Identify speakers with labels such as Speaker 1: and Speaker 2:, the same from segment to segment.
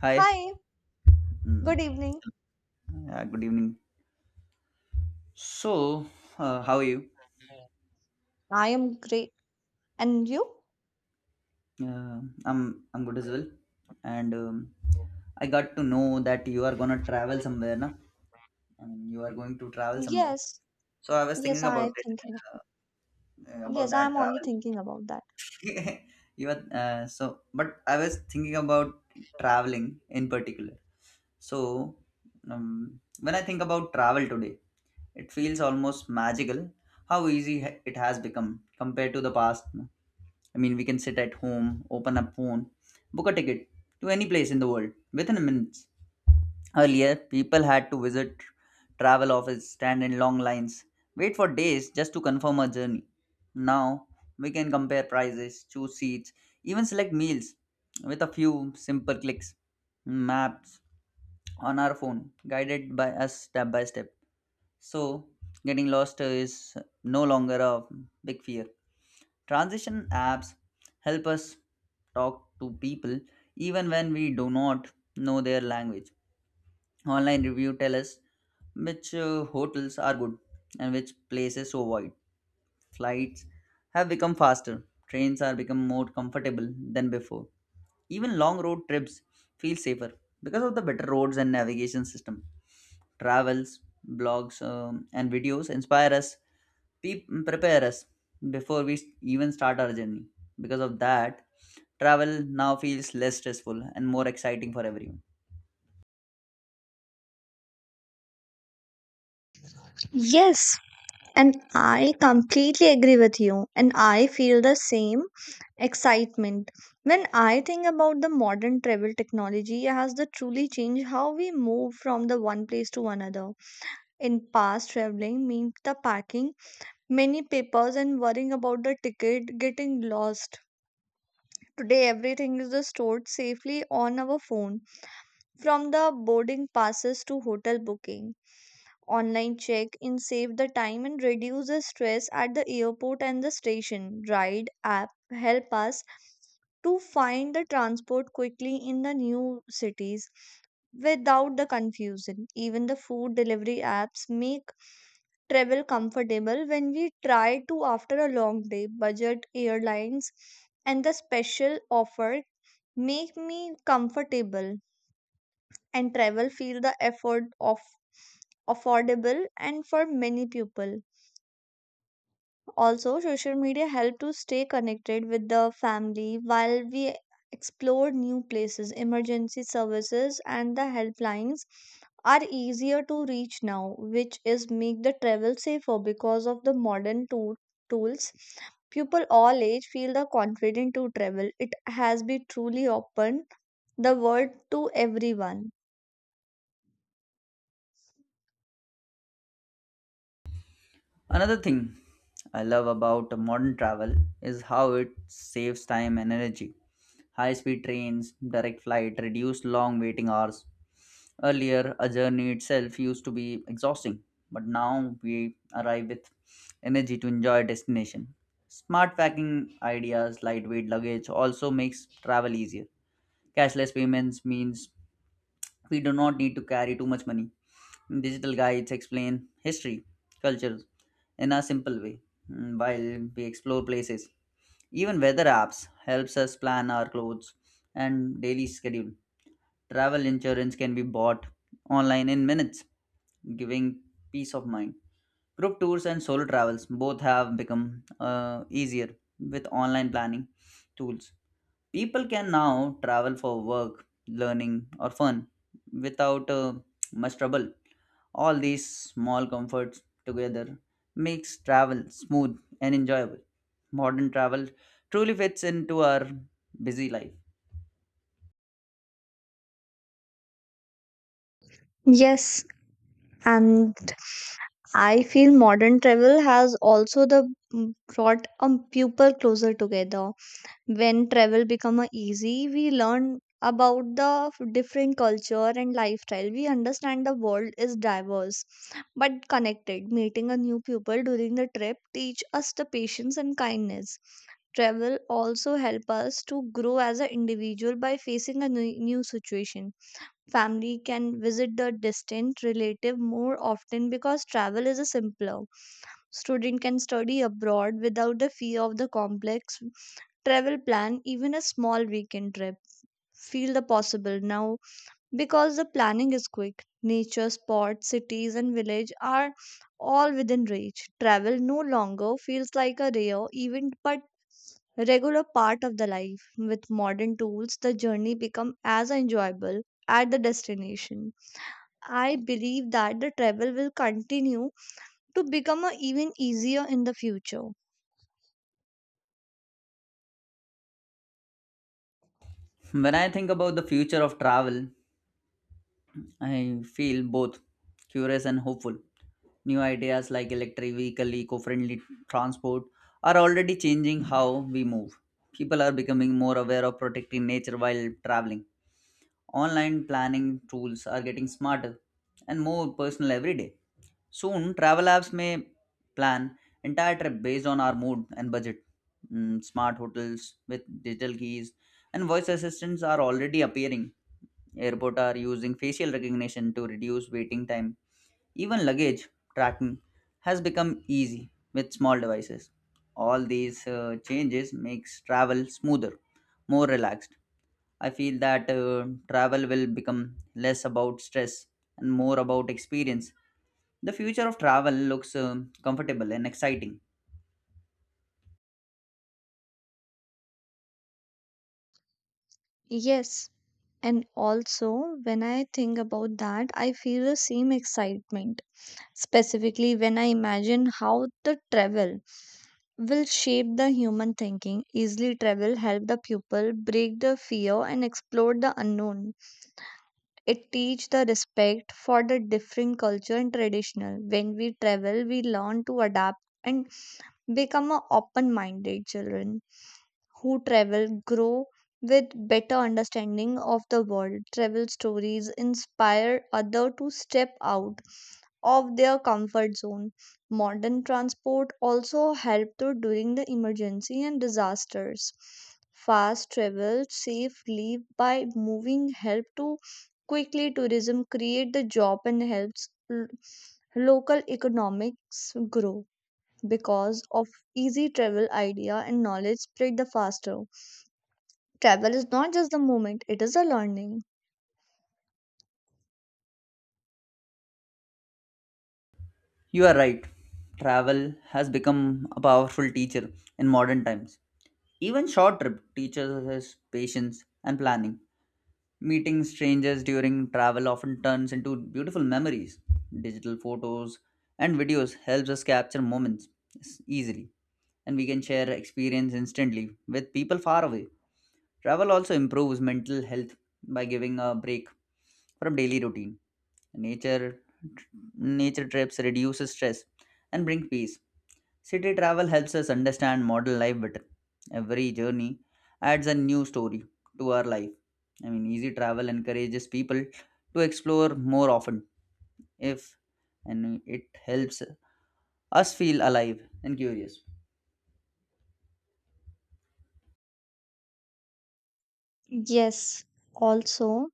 Speaker 1: Hi.
Speaker 2: Hi, good
Speaker 1: Mm,
Speaker 2: evening.
Speaker 1: yeah, good evening. So, how are you?
Speaker 2: I am great. And you?
Speaker 1: Uh, I'm I'm good as well. And I got to know that you are gonna travel somewhere, na? I mean, you are going to travel somewhere.
Speaker 2: Yes,
Speaker 1: So I was
Speaker 2: yes,
Speaker 1: thinking
Speaker 2: I
Speaker 1: about
Speaker 2: am
Speaker 1: it,
Speaker 2: thinking.
Speaker 1: uh, about
Speaker 2: Yes, I
Speaker 1: that
Speaker 2: am only thinking about that.
Speaker 1: travel. you are so, but I was thinking about traveling in particular. So, when I think about travel today, it feels almost magical how easy it has become compared to the past. Na? I mean, we can sit at home, open a phone, book a ticket to any place in the world within minutes. Earlier, people had to visit travel office, stand in long lines, wait for days just to confirm a journey. Now, we can compare prices, choose seats, even select meals with a few simple clicks. Maps on our phone, guided by us step by step. So, getting lost is no longer a big fear. Transition apps help us talk to people even when we do not know their language. Online review tell us which hotels are good and which places to avoid. Flights have become faster. Trains are become more comfortable than before. Even long road trips feel safer because of the better roads and navigation system travels, blogs, and videos inspire us, prepare us before we even start our journey. Because of that, travel now feels less stressful and more exciting for everyone.
Speaker 2: Yes, and I completely agree with you. And I feel the same excitement. When I think about the modern travel technology, it has the truly changed how we move from the one place to another. In past traveling meant the packing, many papers and worrying about the ticket getting lost. Today, everything is just stored safely on our phone, from the boarding passes to hotel booking. Online check in save the time and reduce the stress at the airport and the station. Ride app help us to find the transport quickly in the new cities without the confusion. Even the food delivery apps make travel comfortable when we try to after a long day. Budget airlines and the special offer make me comfortable and travel feel the effort of affordable and for many people, also social media help to stay connected with the family while we explore new places. Emergency services and the helplines are easier to reach now, which is make the travel safer. Because of the modern tools, people all age feel the confident to travel. It has been truly opened the world to everyone.
Speaker 1: Another thing I love about modern travel is how it saves time and energy. High speed trains, direct flight, reduce long waiting hours. Earlier, a journey itself used to be exhausting, but now we arrive with energy to enjoy destination. Smart packing ideas, lightweight luggage also makes travel easier. Cashless payments means we do not need to carry too much money. Digital guides explain history, cultures, in a simple way, while we explore places. Even weather apps helps us plan our clothes and daily schedule. Travel insurance can be bought online in minutes, giving peace of mind. Group tours and solo travels both have become easier with online planning tools. People can now travel for work, learning, or fun without much trouble. All these small comforts together makes travel smooth and enjoyable. Modern travel truly fits into our busy life.
Speaker 2: Yes, and I feel modern travel has also the brought people closer together. When travel become a easy, we learn about the different culture and lifestyle. We understand the world is diverse but connected. Meeting a new people during the trip teach us the patience and kindness. Travel also help us to grow as an individual by facing a new situation. Family can visit the distant relative more often because travel is a simpler. Student can study abroad without the fear of the complex travel plan. Even a small weekend trip feel the possible now because the planning is quick. Nature spots, cities and village are all within reach. Travel no longer feels like a rare event but regular part of the life. With modern tools, the journey become as enjoyable at the destination. I believe that the travel will continue to become a even easier in the future.
Speaker 1: When I think about the future of travel, I feel both curious and hopeful. New ideas like electric vehicle, eco-friendly transport are already changing how we move. People are becoming more aware of protecting nature while traveling. Online planning tools are getting smarter and more personal every day. Soon, travel apps may plan entire trip based on our mood and budget. Smart hotels with digital keys and voice assistants are already appearing. Airport are using facial recognition to reduce waiting time. Even luggage tracking has become easy with small devices. All these changes makes travel smoother, more relaxed, I feel that travel will become less about stress and more about experience. The future of travel looks comfortable and exciting.
Speaker 2: Yes, and also when I think about that, I feel the same excitement. Specifically, when I imagine how the travel will shape the human thinking. Easily travel help the pupil break the fear and explore the unknown. It teach the respect for the different culture and traditional. When we travel, we learn to adapt and become a open-minded children who travel grow with better understanding of the world. Travel stories inspire other to step out of their comfort zone. Modern transport also help to during the emergency and disasters. Fast travel safe leave by moving help to quickly. Tourism create the job and helps local economics grow. Because of easy travel, idea and knowledge spread the faster. Travel is not just the movement, it is a learning.
Speaker 1: You are right. Travel has become a powerful teacher in modern times. Even short trip teaches us patience and planning. Meeting strangers during travel often turns into beautiful memories. Digital photos and videos helps us capture moments easily and we can share experience instantly with people far away. Travel also improves mental health by giving a break from daily routine. Nature nature trips reduces stress and bring peace. City travel helps us understand modern life better. Every journey adds a new story to our life. I mean, easy travel encourages people to explore more often if and it helps us feel alive and curious.
Speaker 2: Yes, also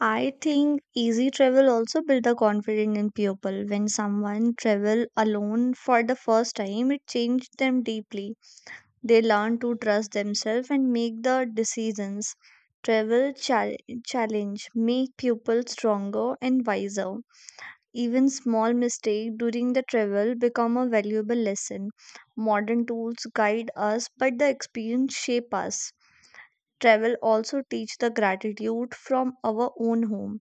Speaker 2: I think easy travel also build the confidence in people. When someone travel alone for the first time, it changed them deeply. They learn to trust themselves and make the decisions. Travel challenge make people stronger and wiser. Even small mistake during the travel become a valuable lesson. Modern tools guide us, but the experience shape us. Travel also teach the gratitude from our own home.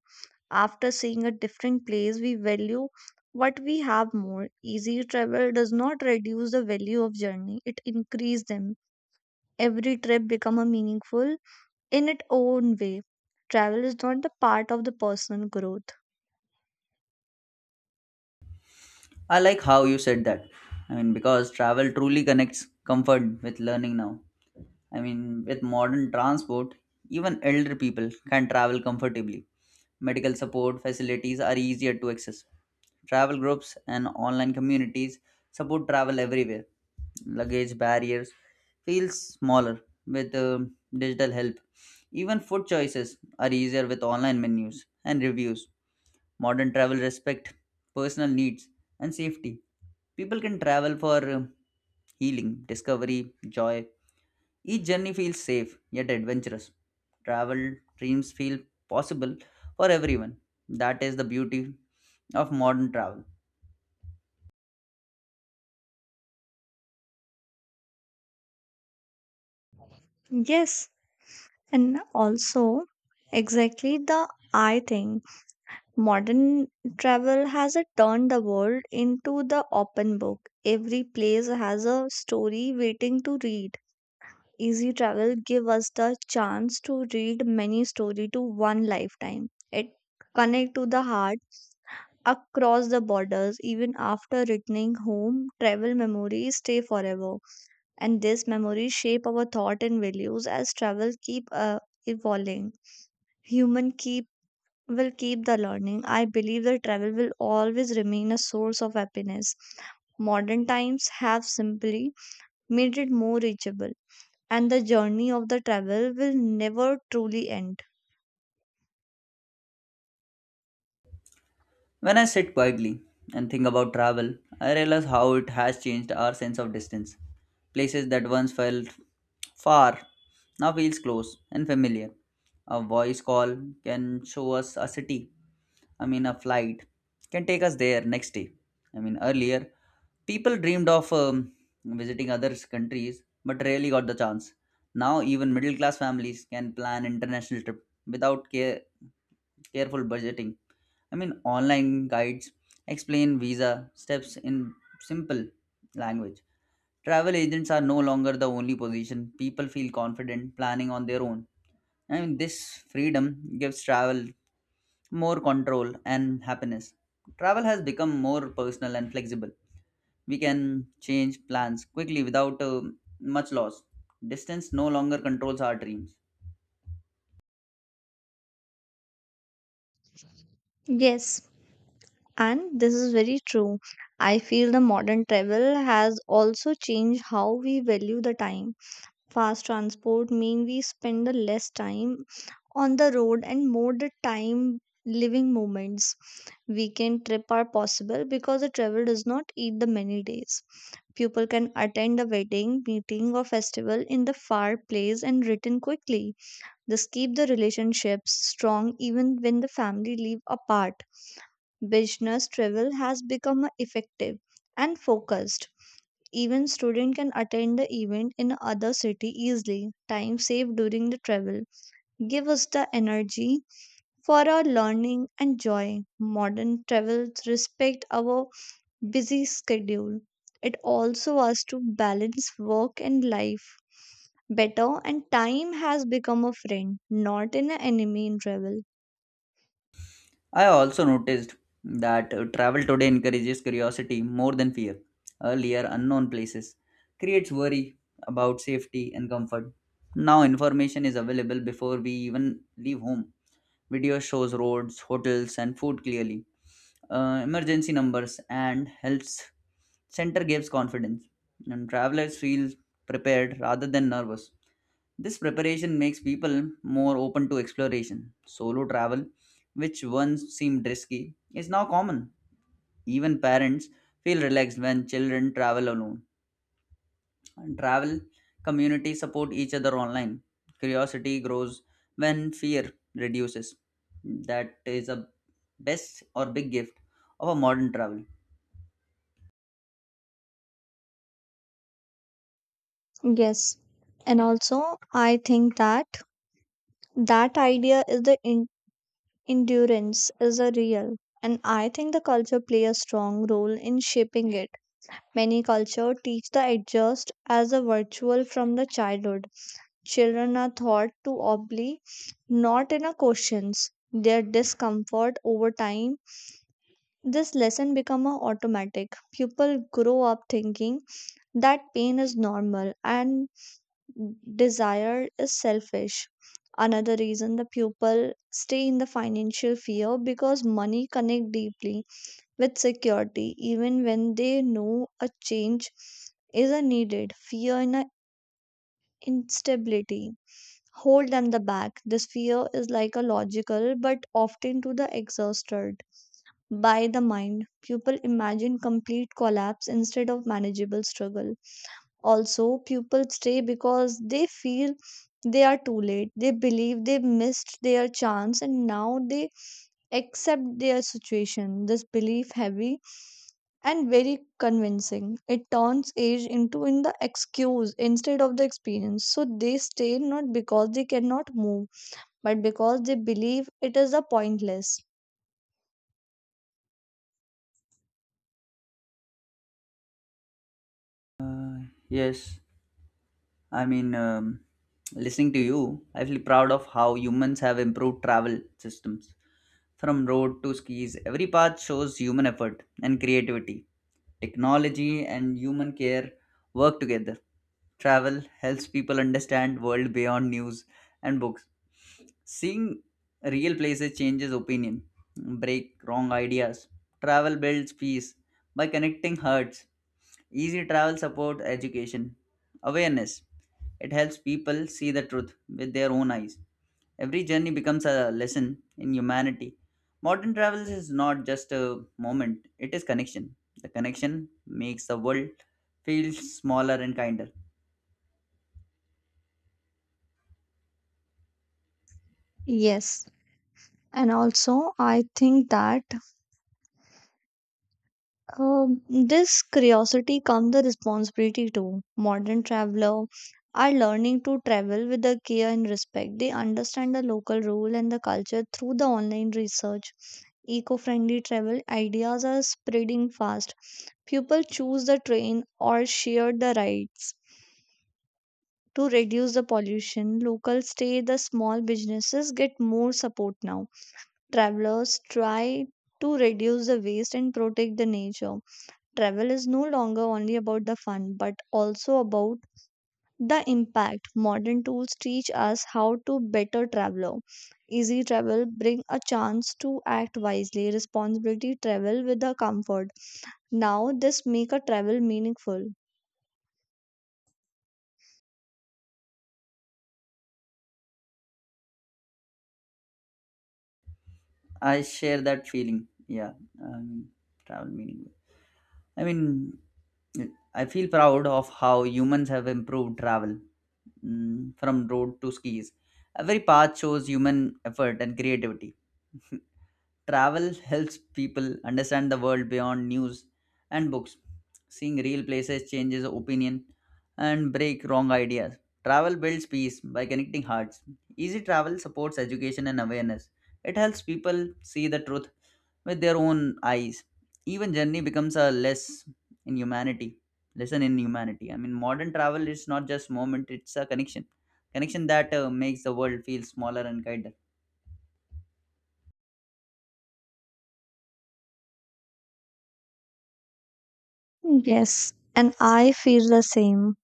Speaker 2: After seeing a different place, we value what we have more. Easy travel does not reduce the value of journey; it increase them. Every trip become a meaningful in its own way. Travel is not the part of the personal growth.
Speaker 1: I like how you said that. I mean, because travel truly connects comfort with learning now I mean, with modern transport, even elder people can travel comfortably. Medical support facilities are easier to access. Travel groups and online communities support travel everywhere. Luggage barriers feel smaller with digital help. Even food choices are easier with online menus and reviews. Modern travel respect personal needs and safety. People can travel for healing, discovery, joy, each journey feels safe yet adventurous. Travel dreams feel possible for everyone. That is the beauty of modern travel.
Speaker 2: Yes, and also exactly the I think modern travel has a turned the world into the open book. Every place has a story waiting to read. Easy travel give us the chance to read many story to one lifetime. It connect to the heart across the borders. Even after returning home, travel memories stay forever, and this memory shape our thought and values. As travel keep evolving, human keep will keep the learning. I believe that travel will always remain a source of happiness. Modern times have simply made it more reachable, and the journey of the travel will never truly end.
Speaker 1: When I sit quietly and think about travel, I realize how it has changed our sense of distance. Places that once felt far now feels close and familiar. A voice call can show us a city. I mean, a flight can take us there next day. I mean, earlier people dreamed of visiting other countries but rarely got the chance. Now, even middle class families can plan international trip without careful budgeting I mean, online guides explain visa steps in simple language. Travel agents are no longer the only position. People feel confident planning on their own. I mean, this freedom gives travel more control and happiness. Travel has become more personal and flexible. We can change plans quickly without much loss. Distance no longer controls our dreams.
Speaker 2: Yes, and this is very true. I feel the modern travel has also changed how we value the time. Fast transport mean we spend the less time on the road and more the time living moments. Weekend trip are possible because the travel does not eat the many days. People can attend a wedding, meeting or festival in the far place and return quickly. This keep the relationships strong even when the family live apart. Business travel has become a effective and focused. Even student can attend the event in other city easily. Time saved during the travel give us the energy for our learning and joy. Modern travels respect our busy schedule. It also us to balance work and life better, and time has become a friend, not an enemy in travel.
Speaker 1: I also noticed that travel today encourages curiosity more than fear. Earlier, unknown places creates worry about safety and comfort. Now, information is available before we even leave home. Video shows roads, hotels, and food clearly. Emergency numbers and health center gives confidence, and travelers feel prepared rather than nervous. This preparation makes people more open to exploration. Solo travel, which once seemed risky, is now common. Even parents feel relaxed when children travel alone. And travel communities support each other online. Curiosity grows when fear reduces. That is a best or big gift of a modern travel.
Speaker 2: Yes. And also I think that that idea is the endurance is a real, and I think the culture play a strong role in shaping it. Many culture teach the adjust as a virtual from the childhood. Children are taught to obey, not in a questions their discomfort over time. This lesson become a automatic. People grow up thinking that pain is normal and desire is selfish. Another reason the pupil stay in the financial fear, because money connect deeply with security. Even when they know a change is a needed, fear in a instability hold them the back. This fear is like a logical but often to the exhausted by the mind. People imagine complete collapse instead of manageable struggle. Also, people stay because they feel they are too late. They believe they missed their chance and now they accept their situation. This belief heavy and very convincing. It turns age into in the excuse instead of the experience. So they stay not because they cannot move, but because they believe it is a pointless.
Speaker 1: Yes, I mean, listening to you, I feel proud of how humans have improved travel systems. From road to skis, every path shows human effort and creativity. Technology and human care work together. Travel helps people understand world beyond news and books. Seeing real places changes opinion, break wrong ideas. Travel builds peace by connecting hearts. Easy travel support education, awareness. It helps people see the truth with their own eyes. Every journey becomes a lesson in humanity. Modern travels is not just a moment, it is connection. The connection makes the world feel smaller and kinder.
Speaker 2: Yes. And also, I think that this curiosity comes the responsibility too. Modern traveler are learning to travel with the care and respect. They understand the local rule and the culture through the online research. Eco-friendly travel ideas are spreading fast. People choose the train or share the rides to reduce the pollution. Local stay the small businesses get more support now. Travelers try to reduce the waste and protect the nature. Travel is no longer only about the fun but also about the impact. Modern tools teach us how to better traveler. Easy travel bring a chance to act wisely. Responsibility travel with the comfort. Now this make a travel meaningful.
Speaker 1: I share that feeling. Yeah, I mean, travel meaning. I mean, I feel proud of how humans have improved travel from road to skis. Every path shows human effort and creativity. Travel helps people understand the world beyond news and books. Seeing real places changes opinion and break wrong ideas. Travel builds peace by connecting hearts. Easy travel supports education and awareness. It helps people see the truth with their own eyes. Even journey becomes a less in humanity. Lesson in humanity. I mean, modern travel is not just moment; it's a connection, connection that makes the world feel smaller and kinder.
Speaker 2: Yes, and I feel the same.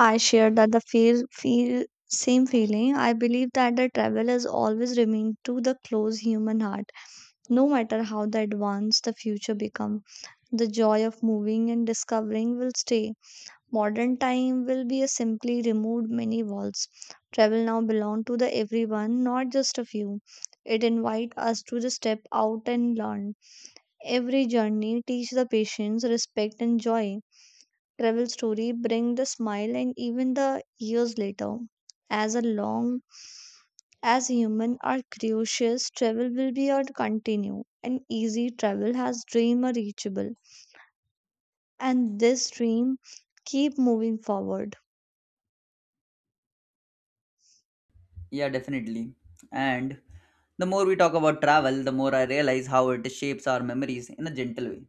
Speaker 2: I share that the feel, feel same feeling. I believe that the travel has always remained to the close human heart. No matter how the advanced the future become, the joy of moving and discovering will stay. Modern time will be a simply removed many walls. Travel now belong to the everyone, not just a few. It invite us to the step out and learn. Every journey teach the patience, respect and joy. Travel story bring the smile and even the years later. As a long as human are curious, travel will be our continue. And easy travel has dream are reachable, and this dream keep moving forward.
Speaker 1: Yeah, definitely. And the more we talk about travel, the more I realize how it shapes our memories in a gentle way.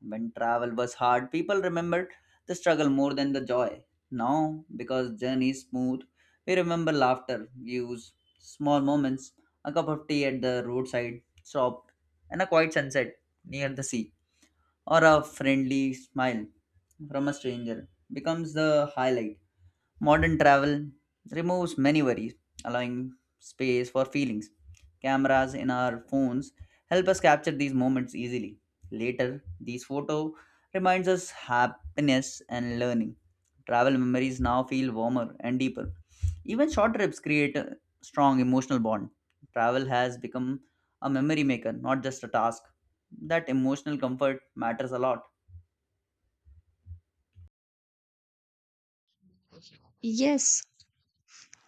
Speaker 1: When travel was hard, people remembered the struggle more than the joy. Now, because journey is smooth, we remember laughter, views, small moments, a cup of tea at the roadside shop, and a quiet sunset near the sea, or a friendly smile from a stranger becomes the highlight. Modern travel removes many worries, allowing space for feelings. Cameras in our phones help us capture these moments easily. Later, these photo reminds us happiness and learning. Travel memories now feel warmer and deeper. Even short trips create a strong emotional bond. Travel has become a memory maker, not just a task. That emotional comfort matters a lot.
Speaker 2: Yes,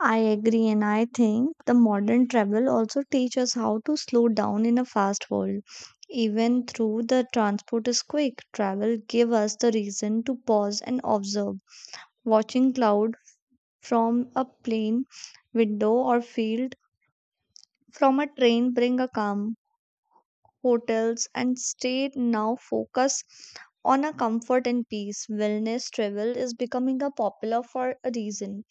Speaker 2: I agree, and I think the modern travel also teaches us how to slow down in a fast world. Even through the transport is quick, travel give us the reason to pause and observe. Watching cloud from a plane window, or field from a train, bring a calm. Hotels and stay now focus on a comfort and peace. Wellness travel is becoming a popular for a reason.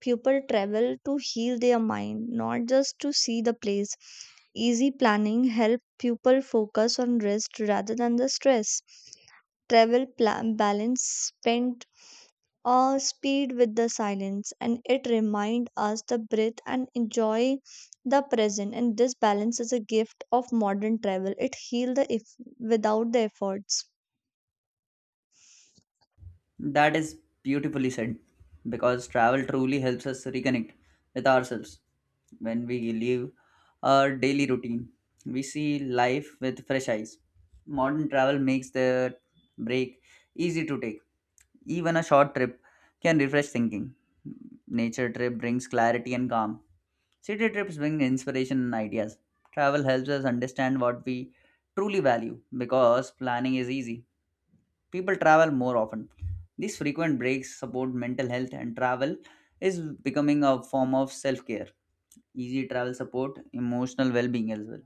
Speaker 2: People travel to heal their mind, not just to see the place. Easy planning help people focus on rest rather than the stress. Travel plan balance spend speed with the silence, and it reminds us the breath and enjoy the present. And this balance is a gift of modern travel. It heals the if without the efforts.
Speaker 1: That is beautifully said because travel truly helps us reconnect with ourselves. When we leave our daily routine, we see life with fresh eyes. Modern travel makes the break easy to take. Even a short trip can refresh thinking. Nature trip brings clarity and calm. City trips bring inspiration and ideas. Travel helps us understand what we truly value because planning is easy people travel more often. These frequent breaks support mental health, and travel is becoming a form of self care. Easy travel support emotional well being as well.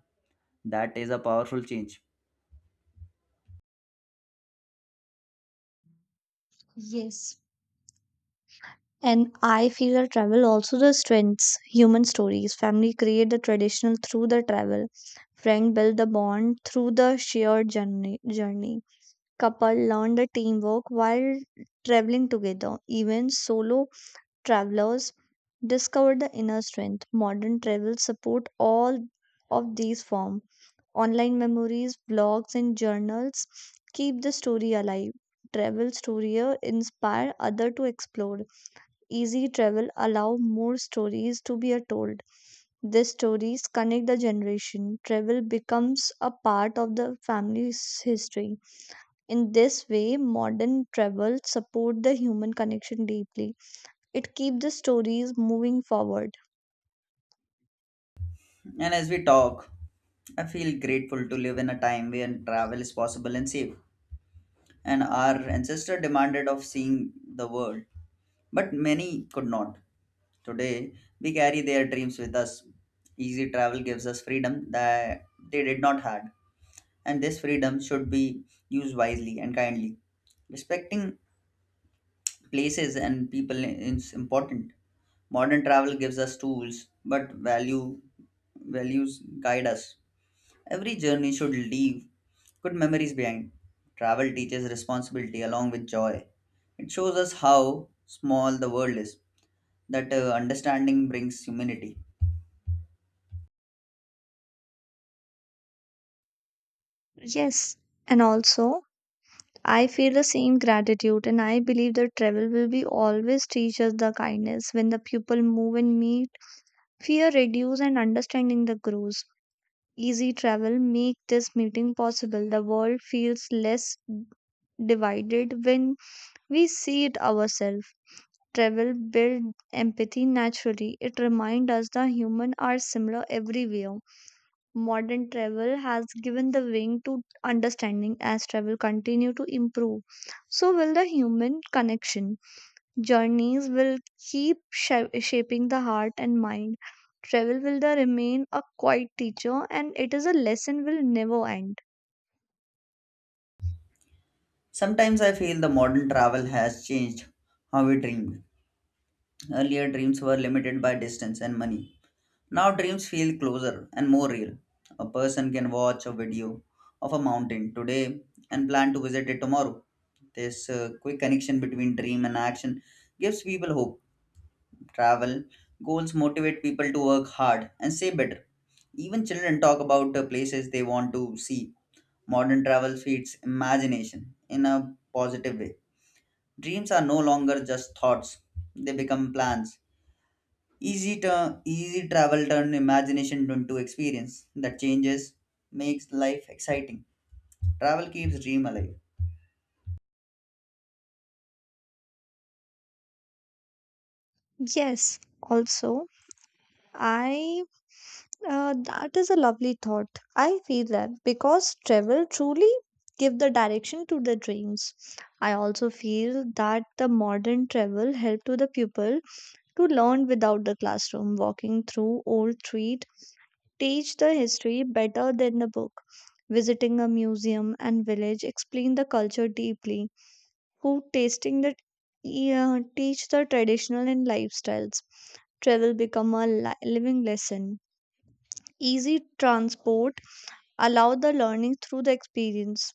Speaker 1: That is a powerful change.
Speaker 2: Yes. And I feel that travel also the strengths, human stories. Family create the traditional through the travel. Friend build the bond through the shared journey. Couple learn the teamwork while traveling together. Even solo travelers discover the inner strength. Modern travel support all of these forms. Online memories, blogs, and journals keep the story alive. Travel stories inspire others to explore. Easy travel allow more stories to be told. These stories connect the generation. Travel becomes a part of the family's history. In this way, modern travel support the human connection deeply. It keeps the stories moving forward.
Speaker 1: And as we talk, I feel grateful to live in a time when travel is possible and safe. And our ancestor demanded of seeing the world, but many could not. Today, we carry their dreams with us. Easy travel gives us freedom that they did not had. And this freedom should be used wisely and kindly. Respecting places and people is important. Modern travel gives us tools, but values guide us. Every journey should leave good memories behind. Travel teaches responsibility along with joy. It shows us how small the world is. That understanding brings humanity.
Speaker 2: Yes, and also I feel the same gratitude, and I believe that travel will be always teach us the kindness when the people move and meet. Fear reduce and understanding the grows. Easy travel make this meeting possible. The world feels less divided when we see it ourselves. Travel build empathy naturally. It reminds us the human are similar everywhere. Modern travel has given the wing to understanding. As travel continue to improve, so will the human connection. Journeys will keep shaping the heart and mind. Travel will the remain a quiet teacher, and it is a lesson will never end.
Speaker 1: Sometimes I feel the modern travel has changed how we dream. Earlier dreams were limited by distance and money. Now dreams feel closer and more real. A person can watch a video of a mountain today and plan to visit it tomorrow. This quick connection between dream and action gives people hope. Travel goals motivate people to work hard and say better. Even children talk about the places they want to see. Modern travel feeds imagination in a positive way. Dreams are no longer just thoughts, they become plans. Easy travel turn imagination into experience that changes, makes life exciting. Travel keeps dream alive.
Speaker 2: Yes, also I that is a lovely thought. I feel that because travel truly give the direction to the dreams. I also feel that the modern travel help to the pupil to learn without the classroom. Walking through old street teach the history better than the book. Visiting a museum and village explain the culture deeply. Food tasting the, yeah, teach the traditional and lifestyles. Travel become a living lesson. Easy transport allow the learning through the experience.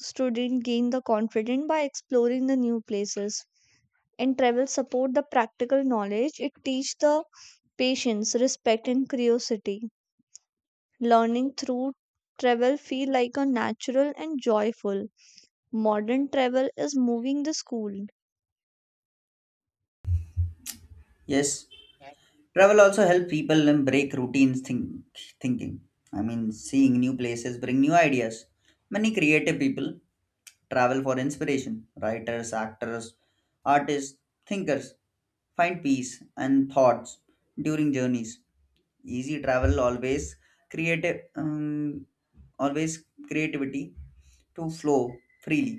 Speaker 2: Student gain the confidence by exploring the new places, and travel support the practical knowledge. It teach the patience, respect and curiosity. Learning through travel feel like a natural and joyful. Modern travel is moving the school.
Speaker 1: Yes, travel also help people and break routines think, thinking. I mean, seeing new places bring new ideas. Many creative people Travel for inspiration. Writers, actors, artists, thinkers find peace and thoughts during journeys. Easy travel creative um, always creativity to flow freely.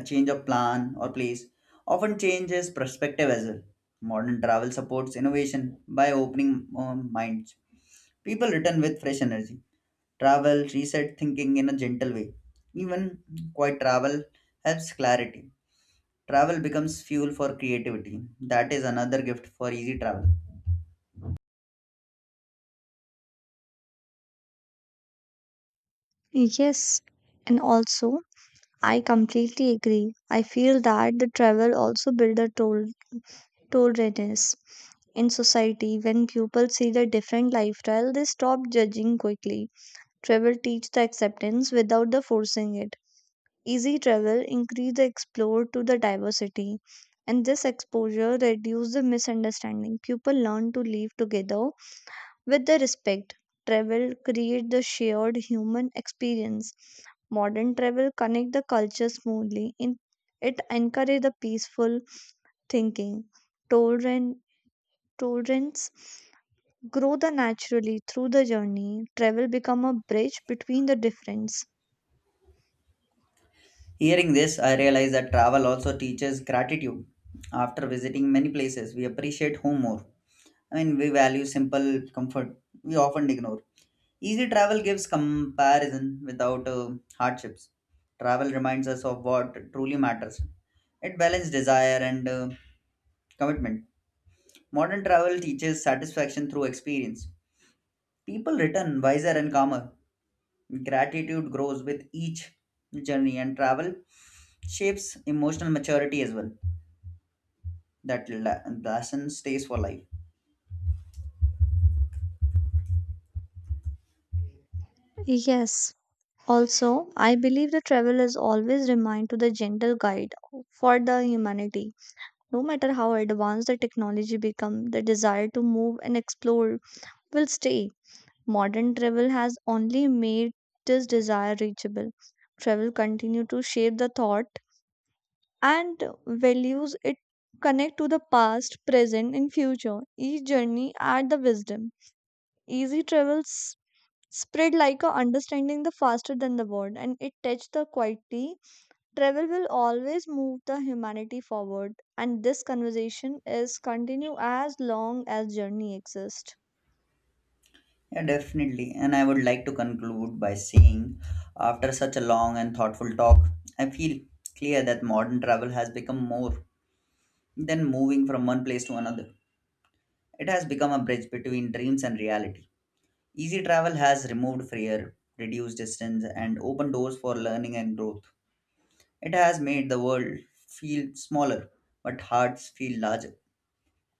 Speaker 1: A change of plan or place often changes perspective as well. Modern travel supports innovation by opening minds. People return with fresh energy. Travel reset thinking in a gentle way. Even quiet travel helps clarity. Travel becomes fuel for creativity. That is another gift for easy travel.
Speaker 2: Yes, and also I completely agree. I feel that the travel also build the tolerance. In society, when pupils see the different lifestyle, they stop judging quickly. Travel teach the acceptance without the forcing it. Easy travel increase the explore to the diversity. And this exposure reduce the misunderstanding. People learn to live together with the respect. Travel create the shared human experience. Modern travel connect the culture smoothly. In it encourage the peaceful thinking. Tolerant Tolerance grow the naturally through the journey. Travel become a bridge between the difference.
Speaker 1: Hearing this, I realize that travel also teaches gratitude. After visiting many places, we appreciate home more. I mean, we value simple comfort we often ignore. Easy travel gives comparison without hardships. Travel reminds us of what truly matters. It balances desire and commitment. Modern travel teaches satisfaction through experience. People return wiser and calmer. Gratitude grows with each journey, and travel shapes emotional maturity as well. That lesson stays for life.
Speaker 2: Yes, also I believe the travel is always remind to the gentle guide for the humanity. No matter how advanced the technology become, the desire to move and explore will stay. Modern travel has only made this desire reachable. Travel continue to shape the thought and values. It connect to the past, present and future. Each journey add the wisdom. Easy travels spread like a understanding the faster than the word, and it touched the quietly. Travel will always move the humanity forward, and this conversation is continue as long as journey exists.
Speaker 1: Yeah, definitely. And I would like to conclude by saying, after such a long and thoughtful talk, I feel clear that modern travel has become more than moving from one place to another. It has become a bridge between dreams and reality. Easy travel has removed fear, reduced distance, and opened doors for learning and growth. It has made the world feel smaller, but hearts feel larger.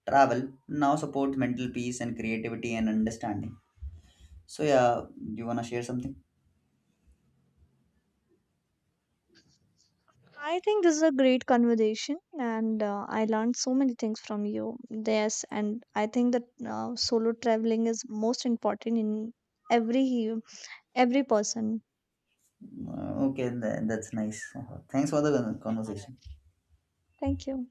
Speaker 1: Travel now supports mental peace and creativity and understanding. So, yeah, do you want to share something?
Speaker 2: I think this is a great conversation, and I learned so many things from you. Yes, and I think that solo traveling is most important in every every person.
Speaker 1: Okay, that's nice. Thanks for the conversation.
Speaker 2: Thank you.